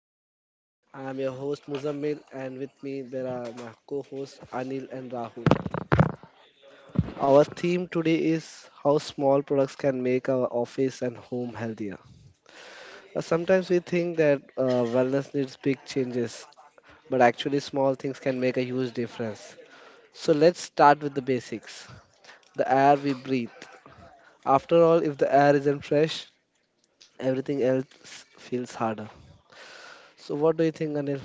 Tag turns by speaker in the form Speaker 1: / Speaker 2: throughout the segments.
Speaker 1: show. I am your host Muzammil and with me there are my co-hosts Anil and Rahul. Our theme today is how small products can make our office and home healthier. Sometimes we think that wellness needs big changes, but actually small things can make a huge difference. So let's start with the basics. The air we breathe. After all, if the air isn't fresh, everything else feels harder. So what do you think, Anil?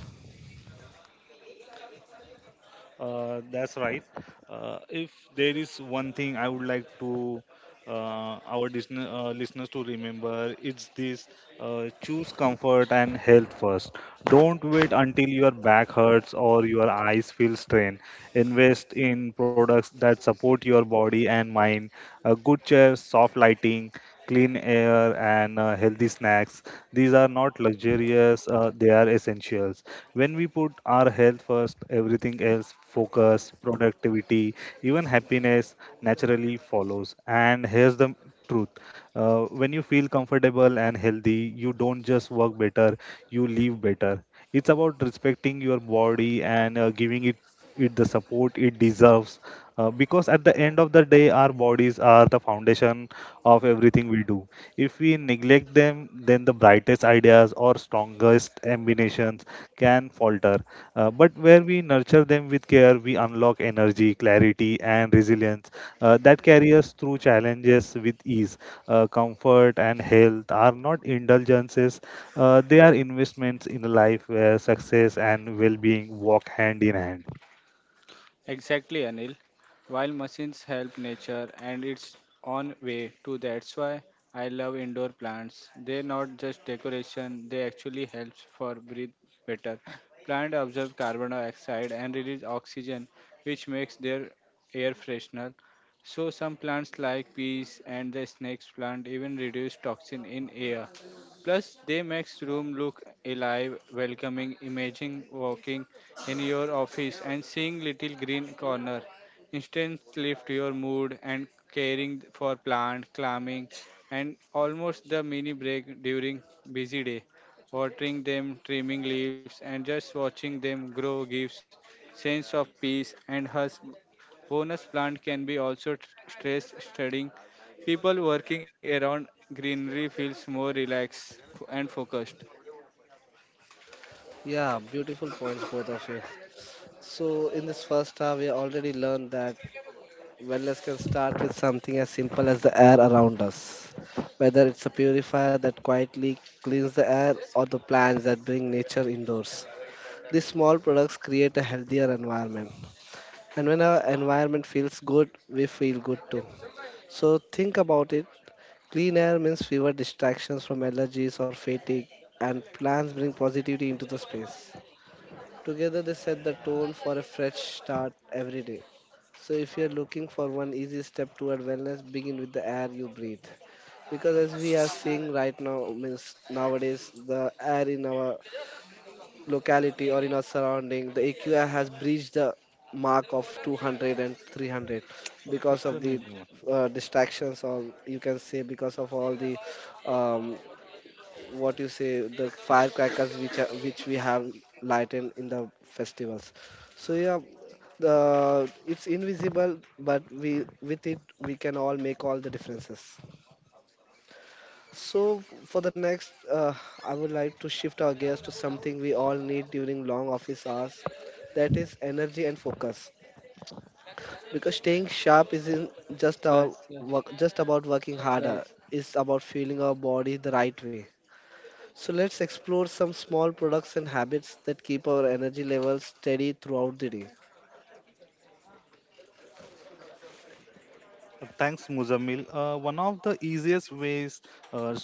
Speaker 2: That's right. If there is one thing I would like to listeners to remember, it's this: choose comfort and health first. Don't wait until your back hurts or your eyes feel strained. Invest in products that support your body and mind. A good chair, soft lighting, clean air, and healthy snacks. These are not luxurious, they are essentials. When we put our health first, everything else, focus, productivity, even happiness naturally follows. And here's the truth. When you feel comfortable and healthy, you don't just work better, you live better. It's about respecting your body and giving it the support it deserves, because at the end of the day our bodies are the foundation of everything we do. If we neglect them, then the brightest ideas or strongest combinations can falter. But where we nurture them with care, we unlock energy, clarity, and resilience that carry us through challenges with ease. Comfort and health are not indulgences, they are investments in a life where success and well-being walk hand in hand.
Speaker 3: Exactly, Anil. While machines help nature and its own way too, that's why I love indoor plants. They're not just decoration, they actually help for breathe better. Plants absorb carbon dioxide and release oxygen, which makes their air freshener. So some plants like peas and the snakes plant even reduce toxin in air. Plus, they makes room look alive, welcoming, imaging, walking in your office and seeing little green corner instantly lift your mood and caring for plant climbing and almost the mini break during busy day watering them trimming leaves and just watching them grow gives sense of peace and has bonus plant can be also stress studying people working around greenery feels more relaxed and focused.
Speaker 1: Yeah, beautiful points both of you. So, in this first hour, we already learned that wellness can start with something as simple as the air around us. Whether it's a purifier that quietly cleans the air or the plants that bring nature indoors. These small products create a healthier environment. And when our environment feels good, we feel good too. So, think about it, clean air means fewer distractions from allergies or fatigue, and plants bring positivity into the space. Together, they set the tone for a fresh start every day. So, if you're looking for one easy step toward wellness, begin with the air you breathe. Because as we are seeing right now, means nowadays the air in our locality or in our surrounding, the AQI has breached the mark of 200 and 300 because
Speaker 2: What's the
Speaker 1: of the
Speaker 2: name?
Speaker 1: distractions, or you can say because of all the um, what you say, the firecrackers which are, which we have lightened in the festivals. So yeah, the it's invisible, but we with it we can all make all the differences. So for the next, I would like to shift our gears to something we all need during long office hours, that is energy and focus, because staying sharp isn't
Speaker 3: Slush, slush,
Speaker 1: just about working harder,
Speaker 3: slush.
Speaker 1: it's about fueling our body the right way. So let's explore some small products and habits that keep our energy levels steady throughout the day.
Speaker 2: Thanks, Muzamil. One of the easiest ways uh,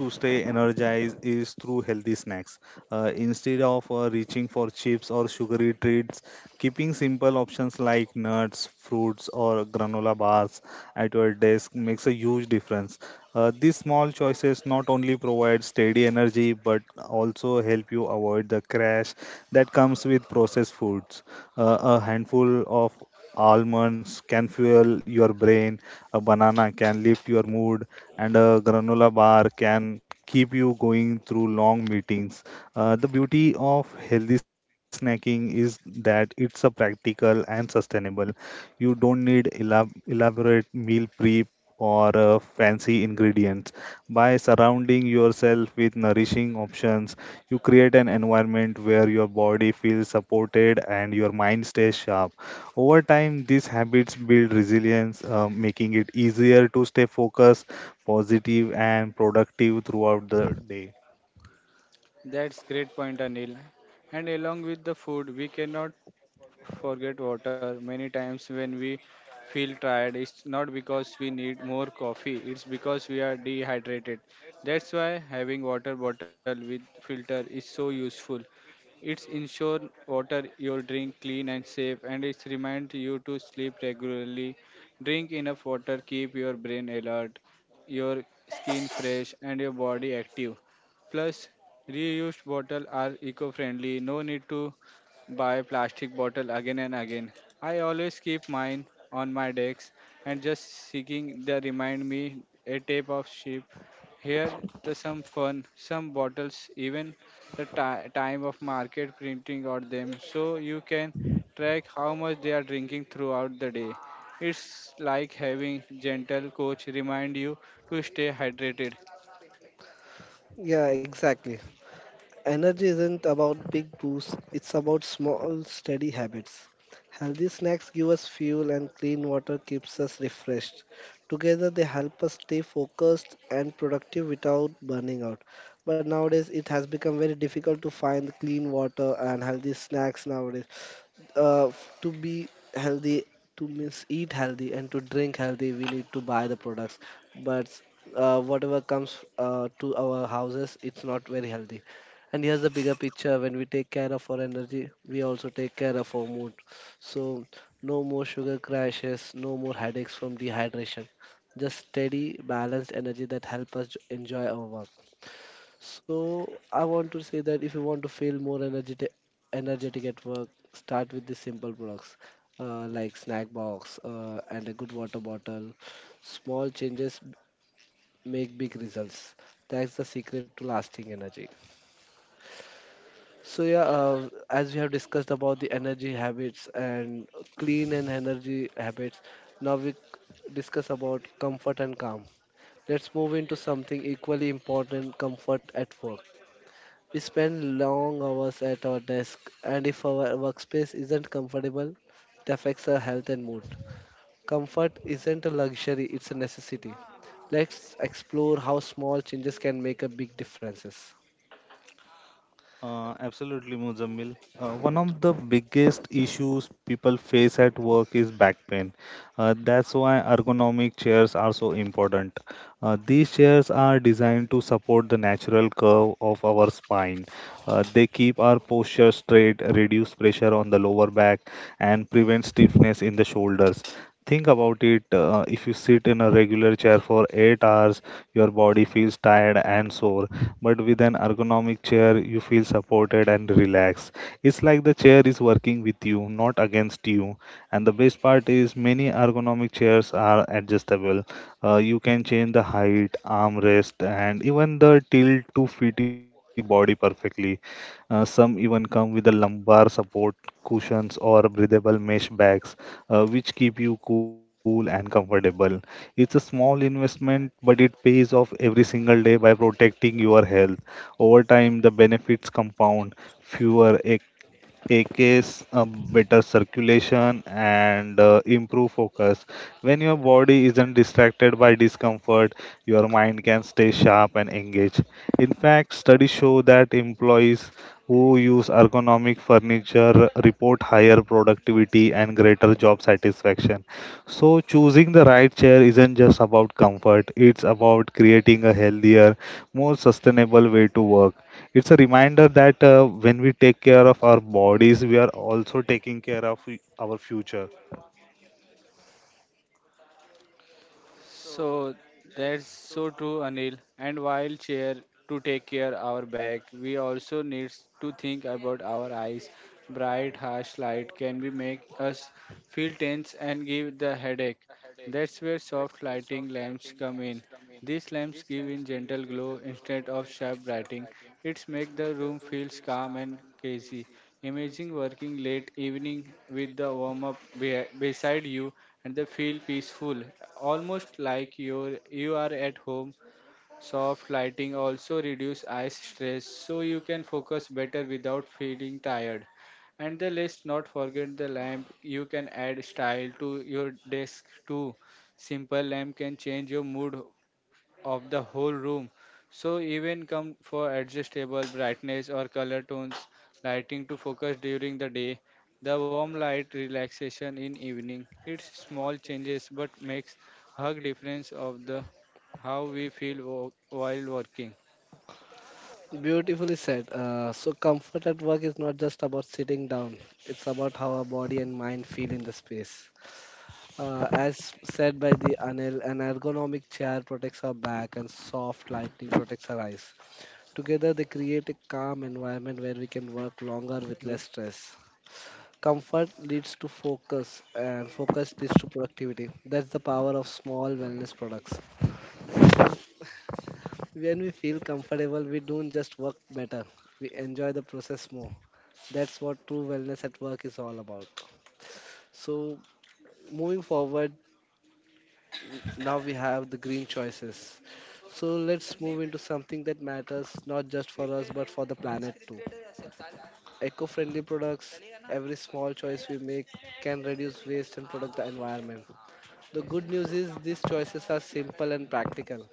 Speaker 2: to stay energized is through healthy snacks. Instead of reaching for chips or sugary treats, keeping simple options like nuts, fruits, or granola bars at your desk makes a huge difference. These small choices not only provide steady energy but also help you avoid the crash that comes with processed foods. A handful of almonds can fuel your brain, a banana can lift your mood, and a granola bar can keep you going through long meetings. The beauty of healthy snacking is that it's a practical and sustainable. You don't need elaborate meal prep or fancy ingredients. By surrounding yourself with nourishing options, you create an environment where your body feels supported and your mind stays sharp. Over time, these habits build resilience, making it easier to stay focused, positive, and productive throughout the day.
Speaker 3: That's great point, Anil. And along with the food, we cannot forget water. Many times when we feel tired, it's not because we need more coffee, it's because we are dehydrated. That's why having water bottle with filter is so useful. It's ensure water your drink clean and safe and it's remind you to sleep regularly. Drink enough water, keep your brain alert, your skin fresh and your body active. Plus, reused bottles are eco-friendly. No need to buy plastic bottle again and again. I always keep mine on my decks and just seeking they remind me a tape of sheep. Here the some fun, some bottles even the time of market printing or them so you can track how much they are drinking throughout the day. It's like having gentle coach remind you to stay hydrated.
Speaker 1: Yeah, exactly. Energy isn't about big boosts, it's about small, steady habits. Healthy snacks give us fuel and clean water keeps us refreshed. Together they help us stay focused and productive without burning out. But nowadays it has become very difficult to find clean water and healthy snacks nowadays. To be healthy, to means eat healthy and to drink healthy, we need to buy the products. But whatever comes to our houses, it's not very healthy. And here's the bigger picture: when we take care of our energy, we also take care of our mood. So no more sugar crashes, no more headaches from dehydration, just steady balanced energy that help us enjoy our work. So I want to say that if you want to feel more energetic, energetic at work, start with the simple products, like snack box, and a good water bottle. Small changes make big results. That's the secret to lasting energy. So yeah, as we have discussed about the energy habits and clean and energy habits, now we discuss about comfort and calm. Let's move into something equally important: comfort at work. We spend long hours at our desk, and if our workspace isn't comfortable, it affects our health and mood. Comfort isn't a luxury, it's a necessity. Let's explore how small changes can make a big differences.
Speaker 2: Absolutely, Muzammil. One of the biggest issues people face at work is back pain. That's why ergonomic chairs are so important. These chairs are designed to support the natural curve of our spine. They keep our posture straight, reduce pressure on the lower back, and prevent stiffness in the shoulders. Think about it. If you sit in a regular chair for 8 hours, your body feels tired and sore. But with an ergonomic chair, you feel supported and relaxed. It's like the chair is working with you, not against you. And the best part is, many ergonomic chairs are adjustable. You can change the height, armrest, and even the tilt to fit your body perfectly. Some even come with a lumbar support cushions or breathable mesh bags, which keep you cool and comfortable. It's a small investment, but it pays off every single day by protecting your health. Over time, the benefits compound. Fewer AKs, better circulation, and improve focus. When your body isn't distracted by discomfort, your mind can stay sharp and engaged. In fact, studies show that employees who use ergonomic furniture report higher productivity and greater job satisfaction. So, choosing the right chair isn't just about comfort, it's about creating a healthier, more sustainable way to work. It's a reminder that when we take care of our bodies, we are also taking care of our future.
Speaker 3: So that's so true, Anil. And while chair to take care our back, we also needs to think about our eyes. Bright, harsh light can be make us feel tense and give the headache. That's where soft lighting lamps come in. These lamps give in gentle glow instead of sharp lighting. It's make the room feels calm and cozy. Imagine working late evening with the warm up beside you and they feel peaceful, almost like you are at home. Soft lighting also reduce eye stress, so you can focus better without feeling tired. And the let's not forget the lamp. You can add style to your desk too. Simple lamp can change your mood of the whole room. So even come for adjustable brightness or color tones, lighting to focus during the day, the warm light relaxation in evening. It's small changes but makes hug difference of the how we feel while working.
Speaker 1: Beautifully said. So, comfort at work is not just about sitting down, it's about how our body and mind feel in the space. As said by the Anil, an ergonomic chair protects our back and soft lighting protects our eyes. Together, they create a calm environment where we can work longer with less stress. Comfort leads to focus, and focus leads to productivity. That's the power of small wellness products. When we feel comfortable, we don't just work better, we enjoy the process more. That's what true wellness at work is all about. So, moving forward, now we have the green choices. So, let's move into something that matters not just for us but for the planet too. Eco-friendly products. Every small choice we make can reduce waste and protect the environment. The good news is these choices are simple and practical.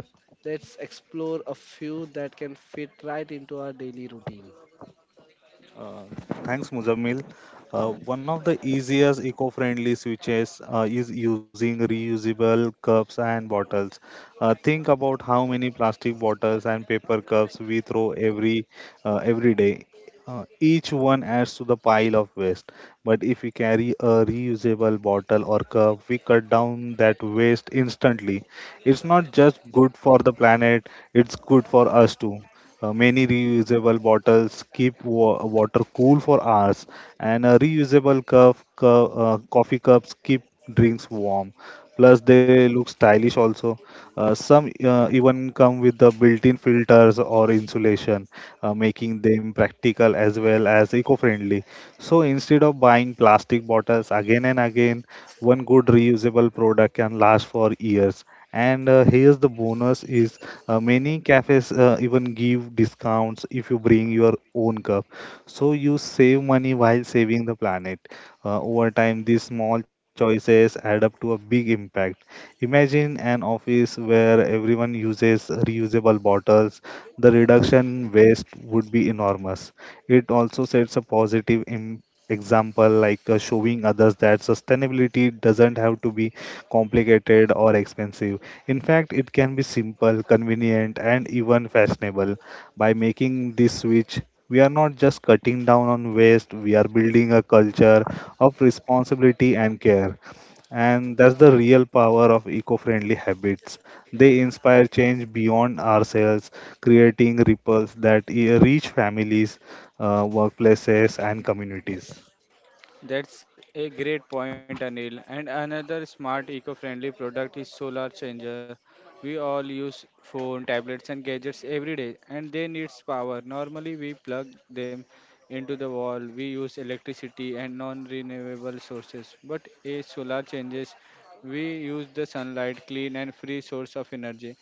Speaker 1: Let's explore a few that can fit right into our daily routine.
Speaker 2: Uh, Thanks, Muzammil. One of the easiest eco-friendly switches is using reusable cups and bottles. Think about how many plastic bottles and paper cups we throw every day. Each one adds to the pile of waste. But if we carry a reusable bottle or cup, we cut down that waste instantly. It's not just good for the planet; it's good for us too. Many reusable bottles keep water cool for hours, and a reusable coffee cups keep drinks warm. Plus, they look stylish also. Some even come with the built-in filters or insulation, making them practical as well as eco-friendly. So instead of buying plastic bottles again and again, one good reusable product can last for years, and here's the bonus is many cafes even give discounts if you bring your own cup. So you save money while saving the planet. Over time, these small choices add up to a big impact. Imagine an office where everyone uses reusable bottles. The reduction waste would be enormous. It also sets a positive example, like showing others that sustainability doesn't have to be complicated or expensive. In fact, it can be simple, convenient, and even fashionable. By making this switch, we are not just cutting down on waste, we are building a culture of responsibility and care. And that's the real power of eco friendly habits. They inspire change beyond ourselves, creating ripples that reach families, workplaces, and communities.
Speaker 3: That's a great point, Anil. And another smart eco-friendly product is solar changer. We all use phone, tablets and gadgets every day and they needs power. Normally we plug them into the wall. We use electricity and non-renewable sources. But a solar changes we use the sunlight, clean and free source of energy.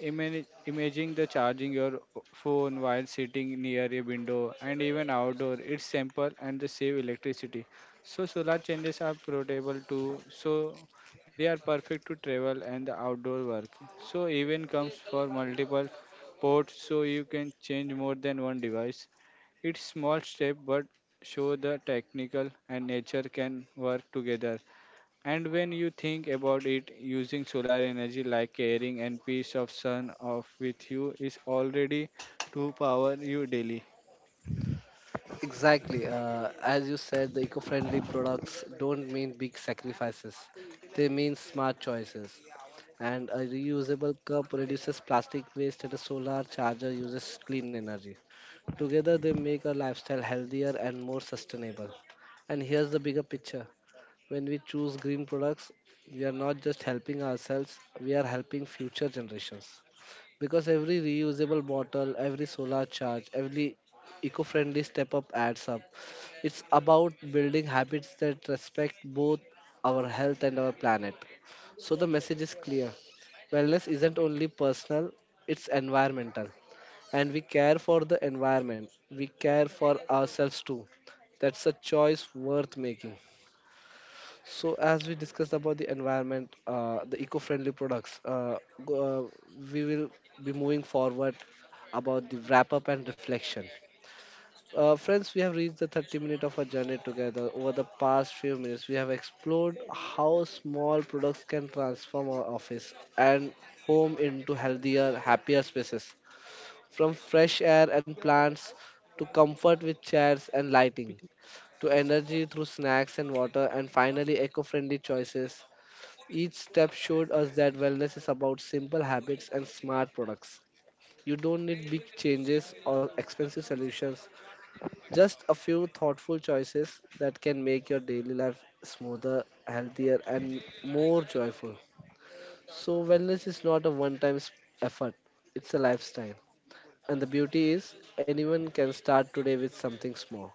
Speaker 3: Imagine imaging the charging your phone while sitting near a window and even outdoor. It's simple and they save electricity so solar changes are portable too. So they are perfect to travel and the outdoor work. So even comes for multiple ports so you can change more than one device. It's small step but show the technical and nature can work together. And when you think about it, using solar energy like carrying and piece of sun off with you is already to power you daily.
Speaker 1: Exactly. As you said, the eco friendly products don't mean big sacrifices, they mean smart choices. And a reusable cup reduces plastic waste, and a solar charger uses clean energy. Together, they make our lifestyle healthier and more sustainable. And here's the bigger picture. When we choose green products, we are not just helping ourselves, we are helping future generations. Because every reusable bottle, every solar charge, every eco friendly step up adds up. It's about building habits that respect both our health and our planet. So the message is clear: wellness isn't only personal, it's environmental. And we care for the environment, we care for ourselves too. That's a choice worth making. So, as we discussed about the environment, the eco-friendly products, go, uh, we will be moving forward about the wrap-up and reflection. Friends, we have reached the 30th minute of our journey together. Over the past few minutes, we have explored how small products can transform our office and home into healthier, happier spaces. From fresh air and plants, to comfort with chairs and lighting, to energy through snacks and water, and finally eco friendly choices, each step showed us that wellness is about simple habits and smart products. You don't need big changes or expensive solutions, just a few thoughtful choices that can make your daily life smoother, healthier, and more joyful. So, wellness is not a one time effort, it's a lifestyle. And the beauty is, anyone can start today with something small.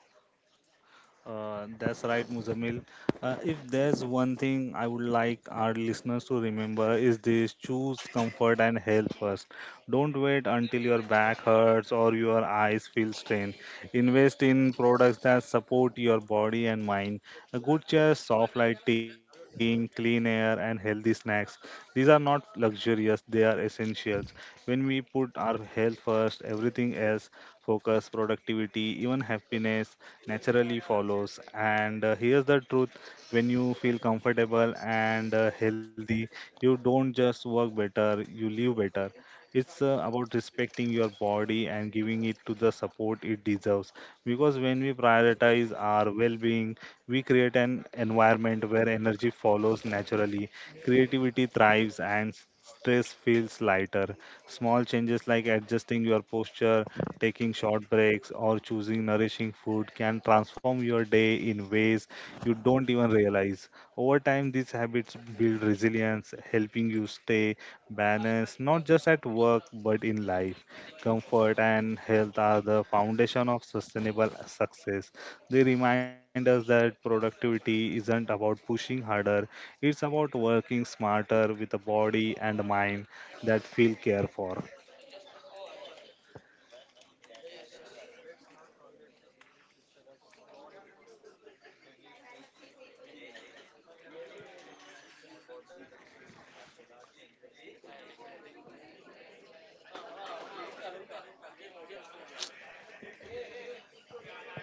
Speaker 2: That's right, Muzamil. If there's one thing I would like our listeners to remember is this: choose comfort and health first. Don't wait until your back hurts or your eyes feel strained. Invest in products that support your body and mind. A good chair, soft lighting, clean air, and healthy snacks. These are not luxurious, they are essentials. When we put our health first, everything else, focus, productivity, even happiness naturally follows. And here's the truth. When you feel comfortable and healthy, you don't just work better, you live better. It's about respecting your body and giving it to the support it deserves. Because when we prioritize our well-being, we create an environment where energy follows naturally, creativity thrives, and stress feels lighter. Small changes like adjusting your posture, taking short breaks, or choosing nourishing food can transform your day in ways you don't even realize. Over time, these habits build resilience, helping you stay balance, not just at work but in life. Comfort and health are the foundation of sustainable success. They remind us that productivity isn't about pushing harder, it's about working smarter with a body and a mind that feel care for.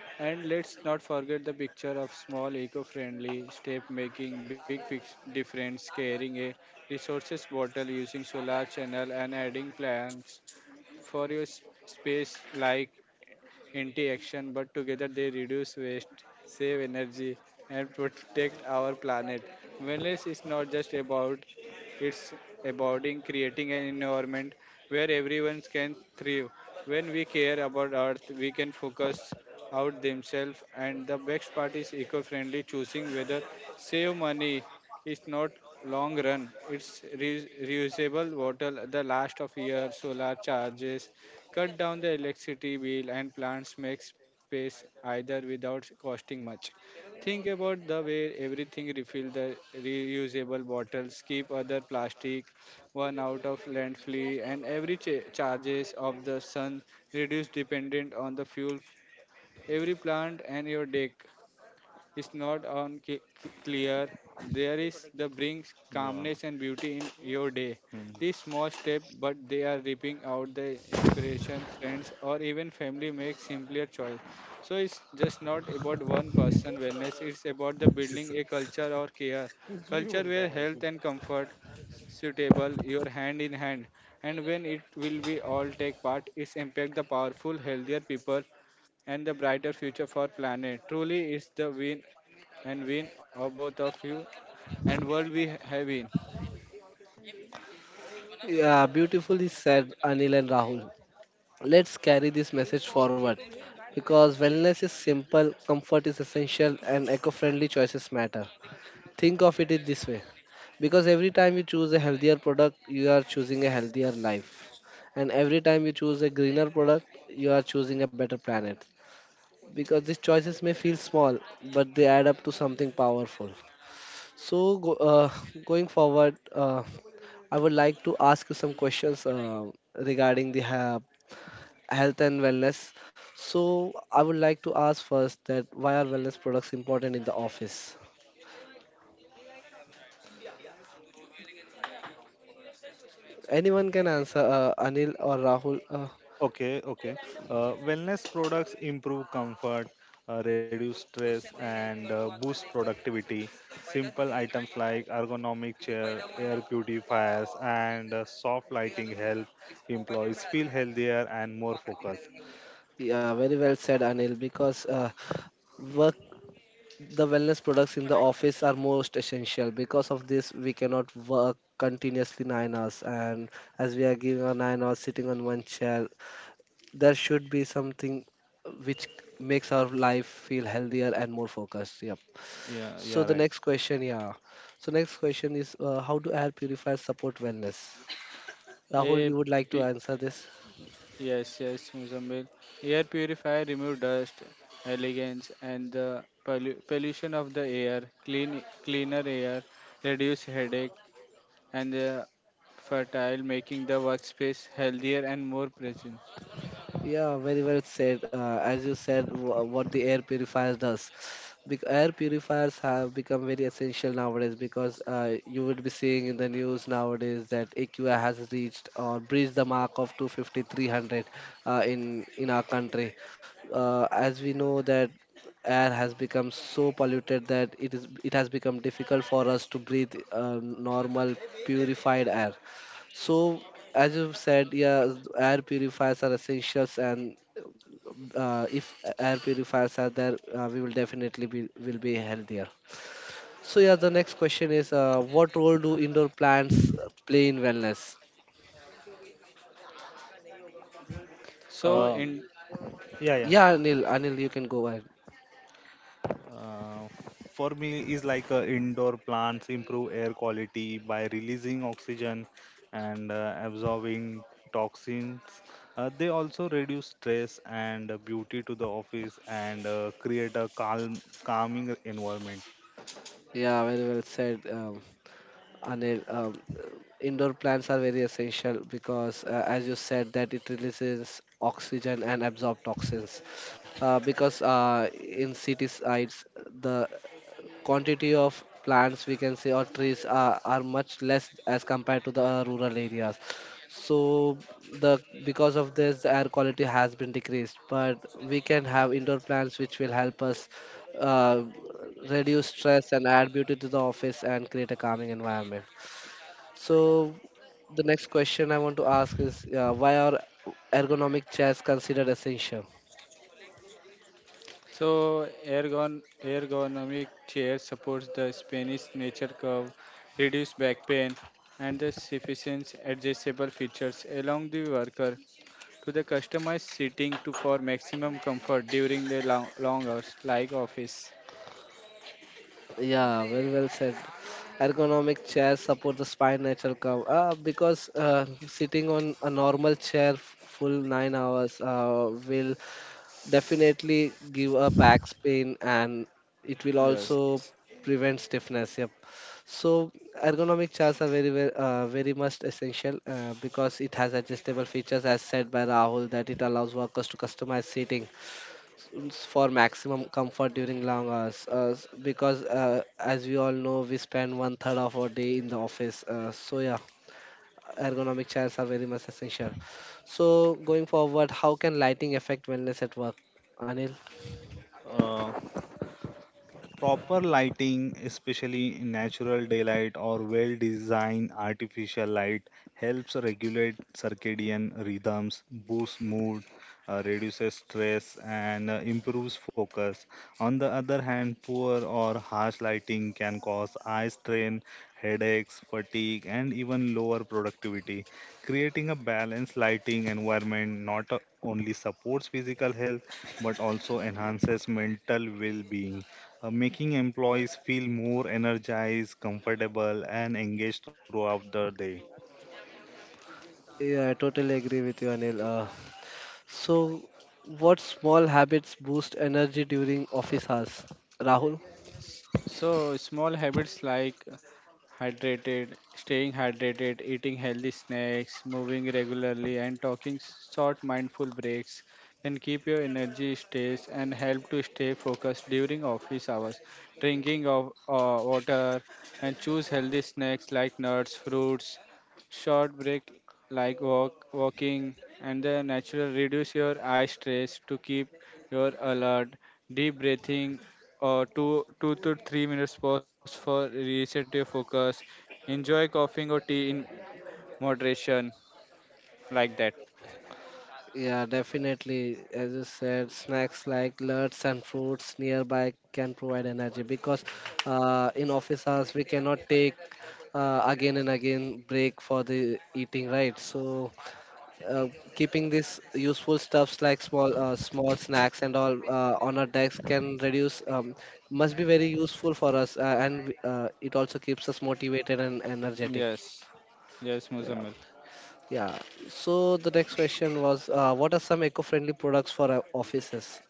Speaker 3: And let's not forget the picture of small eco-friendly step making big difference, carrying a resources bottle, using solar channel and adding plants for your space like interaction, but together they reduce waste, save energy, and protect our planet. Wellness is not just about it's about in creating an environment where everyone can thrive. When we care about Earth, we can focus out themselves, and the best part is eco-friendly choosing whether save money is not long run. It's reusable bottle, the last of year, solar charges, cut down the electricity bill and plants make space either without costing much. Think about the way everything refill the reusable bottles, keep other plastic, one out of landfill, and every charges of the sun reduce dependent on the fuel. Every plant and your deck is not on clear, there is the brings
Speaker 2: Yeah.
Speaker 3: calmness and beauty in your day.
Speaker 2: Hmm.
Speaker 3: These small steps, but they are ripping out the inspiration, friends, or even family make simpler choice. So it's just not about one person wellness. It's about the building a culture or care, culture where health and comfort suitable your hand in hand and when it will be all take part its impact the powerful healthier people and the brighter future for planet. Truly, it's the win and win of both of you and world we have in.
Speaker 1: Yeah, beautifully said, Anil and Rahul. Let's carry this message forward, because wellness is simple, comfort is essential, and eco friendly choices matter. Think of it in this way, because every time you choose a healthier product, you are choosing a healthier life, and every time you choose a greener product, you are choosing a better planet. Because these choices may feel small, but they add up to something powerful. So, going forward, I would like to ask you some questions regarding the ha health and wellness. So I would like to ask first that why are wellness products important in the office? Anyone can answer, Anil or Rahul.
Speaker 2: Okay, okay. Wellness products improve comfort, reduce stress, and boost productivity. Simple items like ergonomic chair, air purifiers, and soft lighting help employees feel healthier and more focused.
Speaker 1: Yeah, very well said, Anil. Because work, the wellness products in the office are most essential. Because of this, we cannot work continuously 9 hours, and as we are giving our 9 hours sitting on one chair, there should be something which makes our life feel healthier and more focused. Yep.
Speaker 2: Yeah, yeah,
Speaker 1: So the
Speaker 2: right.
Speaker 1: next question, yeah. So next question is, how do air purifiers support wellness? Rahul,
Speaker 3: A
Speaker 1: you would like to
Speaker 3: P-
Speaker 1: answer this?
Speaker 3: yes, yes, Mozambique. Air purifier remove dust, elegance, and the pollution of the air. Clean, cleaner air, reduce headache, and the fertile, making the workspace healthier and more present.
Speaker 1: Yeah, very well said. As you said, what the air purifiers does. Air purifiers have become very essential nowadays because you would be seeing in the news nowadays that AQI has reached or breached the mark of 250, 300, in our country. As we know that air has become so polluted that it has become difficult for us to breathe normal purified air. So, as you said, yeah, air purifiers are essentials, and if air purifiers are there, we will be healthier. So, yeah, the next question is, what role do indoor plants play in wellness?
Speaker 3: So,
Speaker 2: Um,
Speaker 3: in
Speaker 2: yeah, yeah.
Speaker 1: Yeah, Anil, you can go ahead.
Speaker 2: Uh, for me is like indoor plants improve air quality by releasing oxygen and absorbing toxins. They also reduce stress and beauty to the office and create a calming environment.
Speaker 1: Yeah, very well said, Anil. Indoor plants are very essential because, as you said, that it releases oxygen and absorb toxins. Because in cities, it's the quantity of plants, we can say, or trees are much less as compared to the rural areas. So the because of this the air quality has been decreased, but we can have indoor plants which will help us uh, reduce stress and add beauty to the office and create a calming environment. So the next question I want to ask is, why are ergonomic chairs considered essential?
Speaker 3: So, ergonomic chair supports the Spanish nature curve, reduce back pain, and the sufficient adjustable features along the worker to the customized seating to for maximum comfort during the long, long hours like office.
Speaker 1: Yeah, very well said. Ergonomic chairs support the spine natural curve. Because sitting on a normal chair full 9 hours will definitely give a back pain, and it will
Speaker 3: Yes.
Speaker 1: also prevent stiffness. Yep. So ergonomic chairs are very much essential, because it has adjustable features, as said by Rahul, that it allows workers to customize seating tools for maximum comfort during long hours, because as we all know we spend one third of our day in the office, so yeah, ergonomic chairs are very much essential. So going forward, how can lighting affect wellness at work, Anil?
Speaker 2: Uh, Proper lighting, especially natural daylight or well designed artificial light, helps regulate circadian rhythms, boosts mood, reduces stress, and improves focus. On the other hand, poor or harsh lighting can cause eye strain, headaches, fatigue, and even lower productivity. Creating a balanced lighting environment not only supports physical health but also enhances mental well being, making employees feel more energized, comfortable, and engaged throughout the day.
Speaker 1: Yeah, I totally agree with you, Anil. So, what small habits boost energy during office hours, Rahul?
Speaker 3: So, small habits like staying hydrated, eating healthy snacks, moving regularly, and talking short mindful breaks can keep your energy stays and help to stay focused during office hours. Drinking of water and choose healthy snacks like nuts, fruits, short break like walking, and the natural reduce your eye stress to keep your alert. Deep breathing or 2 to 3 minutes pause for reset your focus. Enjoy coughing or tea in moderation, like that.
Speaker 1: Yeah, definitely. As you said, snacks like nuts and fruits nearby can provide energy because in office hours we cannot take again and again break for the eating, right? So uh, keeping these useful stuffs like small snacks and all on our desk can reduce must be very useful for us, and it also keeps us motivated and energetic.
Speaker 3: Yes, yes,
Speaker 1: Yeah.
Speaker 3: Muzammil.
Speaker 1: Yeah. So the next question was, what are some eco-friendly products for offices?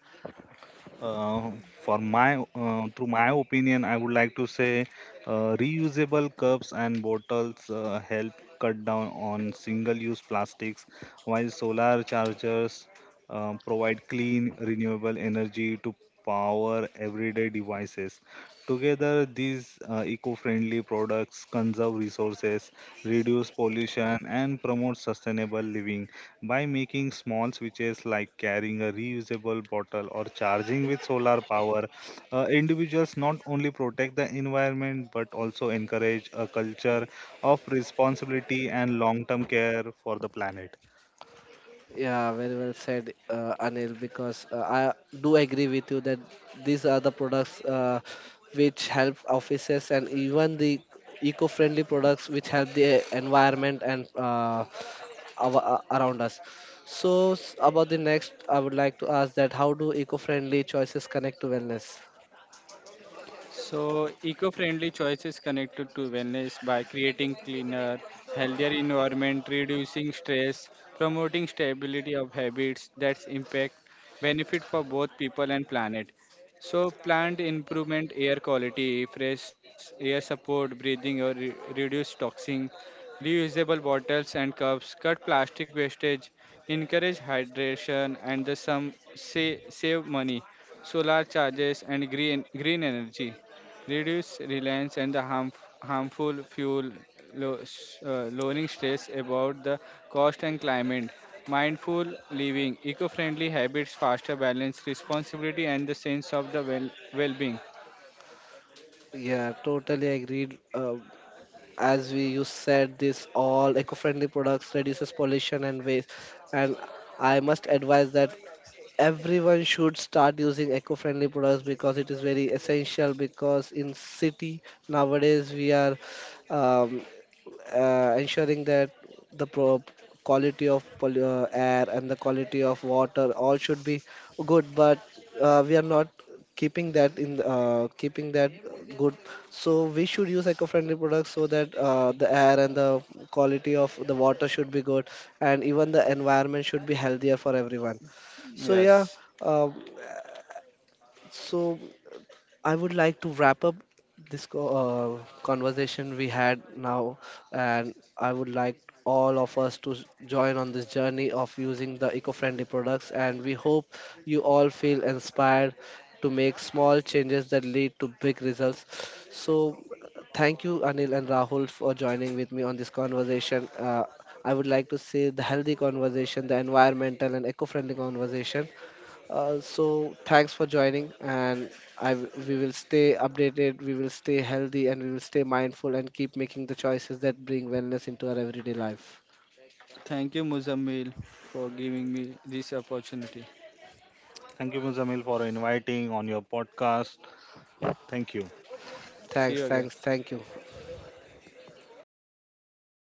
Speaker 2: Uh, for my Through my opinion, I would like to say reusable cups and bottles help cut down on single-use plastics, while solar chargers provide clean, renewable energy to power everyday devices. Together, these eco-friendly products conserve resources, reduce pollution, and promote sustainable living. By making small switches like carrying a reusable bottle or charging with solar power, individuals not only protect the environment but also encourage a culture of responsibility and long term care for the planet.
Speaker 1: Yeah, very well said, Anil. Because I do agree with you that these are the products which help offices and even the eco-friendly products which help the environment and around us. So about the next, I would like to ask that how do eco-friendly choices connect to wellness?
Speaker 3: So, eco-friendly choices connected to wellness by creating cleaner, healthier environment, reducing stress, promoting stability of habits that's impact benefit for both people and planet. So, plant improvement, air quality, fresh air support, breathing or reduce toxin, reusable bottles and cups, cut plastic wastage, encourage hydration, and the some say, save money, solar charges and green energy reduce reliance and the harmful fuel, lowering stress about the cost and climate, mindful living, eco-friendly habits, faster balance, responsibility, and the sense of the well-being.
Speaker 1: Yeah, totally agreed. As we you said this all eco-friendly products reduces pollution and waste, and I must advise that everyone should start using eco-friendly products because it is very essential, because in city nowadays we are um, ensuring that the quality of air and the quality of water all should be good, but we are not keeping that good. So we should use eco-friendly products so that the air and the quality of the water should be good and even the environment should be healthier for everyone. So yeah,
Speaker 3: Yes.
Speaker 1: uh, so I would like to wrap up this conversation we had now, and I would like all of us to join on this journey of using the eco-friendly products, and we hope you all feel inspired to make small changes that lead to big results. So thank you, Anil and Rahul, for joining with me on this conversation. I would like to say the healthy conversation, the environmental and eco-friendly conversation. So thanks for joining, and we will stay updated, we will stay healthy, and we will stay mindful and keep making the choices that bring wellness into our everyday life.
Speaker 3: Thank you, Muzammil, for giving me this opportunity.
Speaker 2: Thank you, Muzamil, for inviting on your podcast. Thank you.
Speaker 3: See
Speaker 1: Thanks,
Speaker 3: you again.
Speaker 1: thanks, thank you.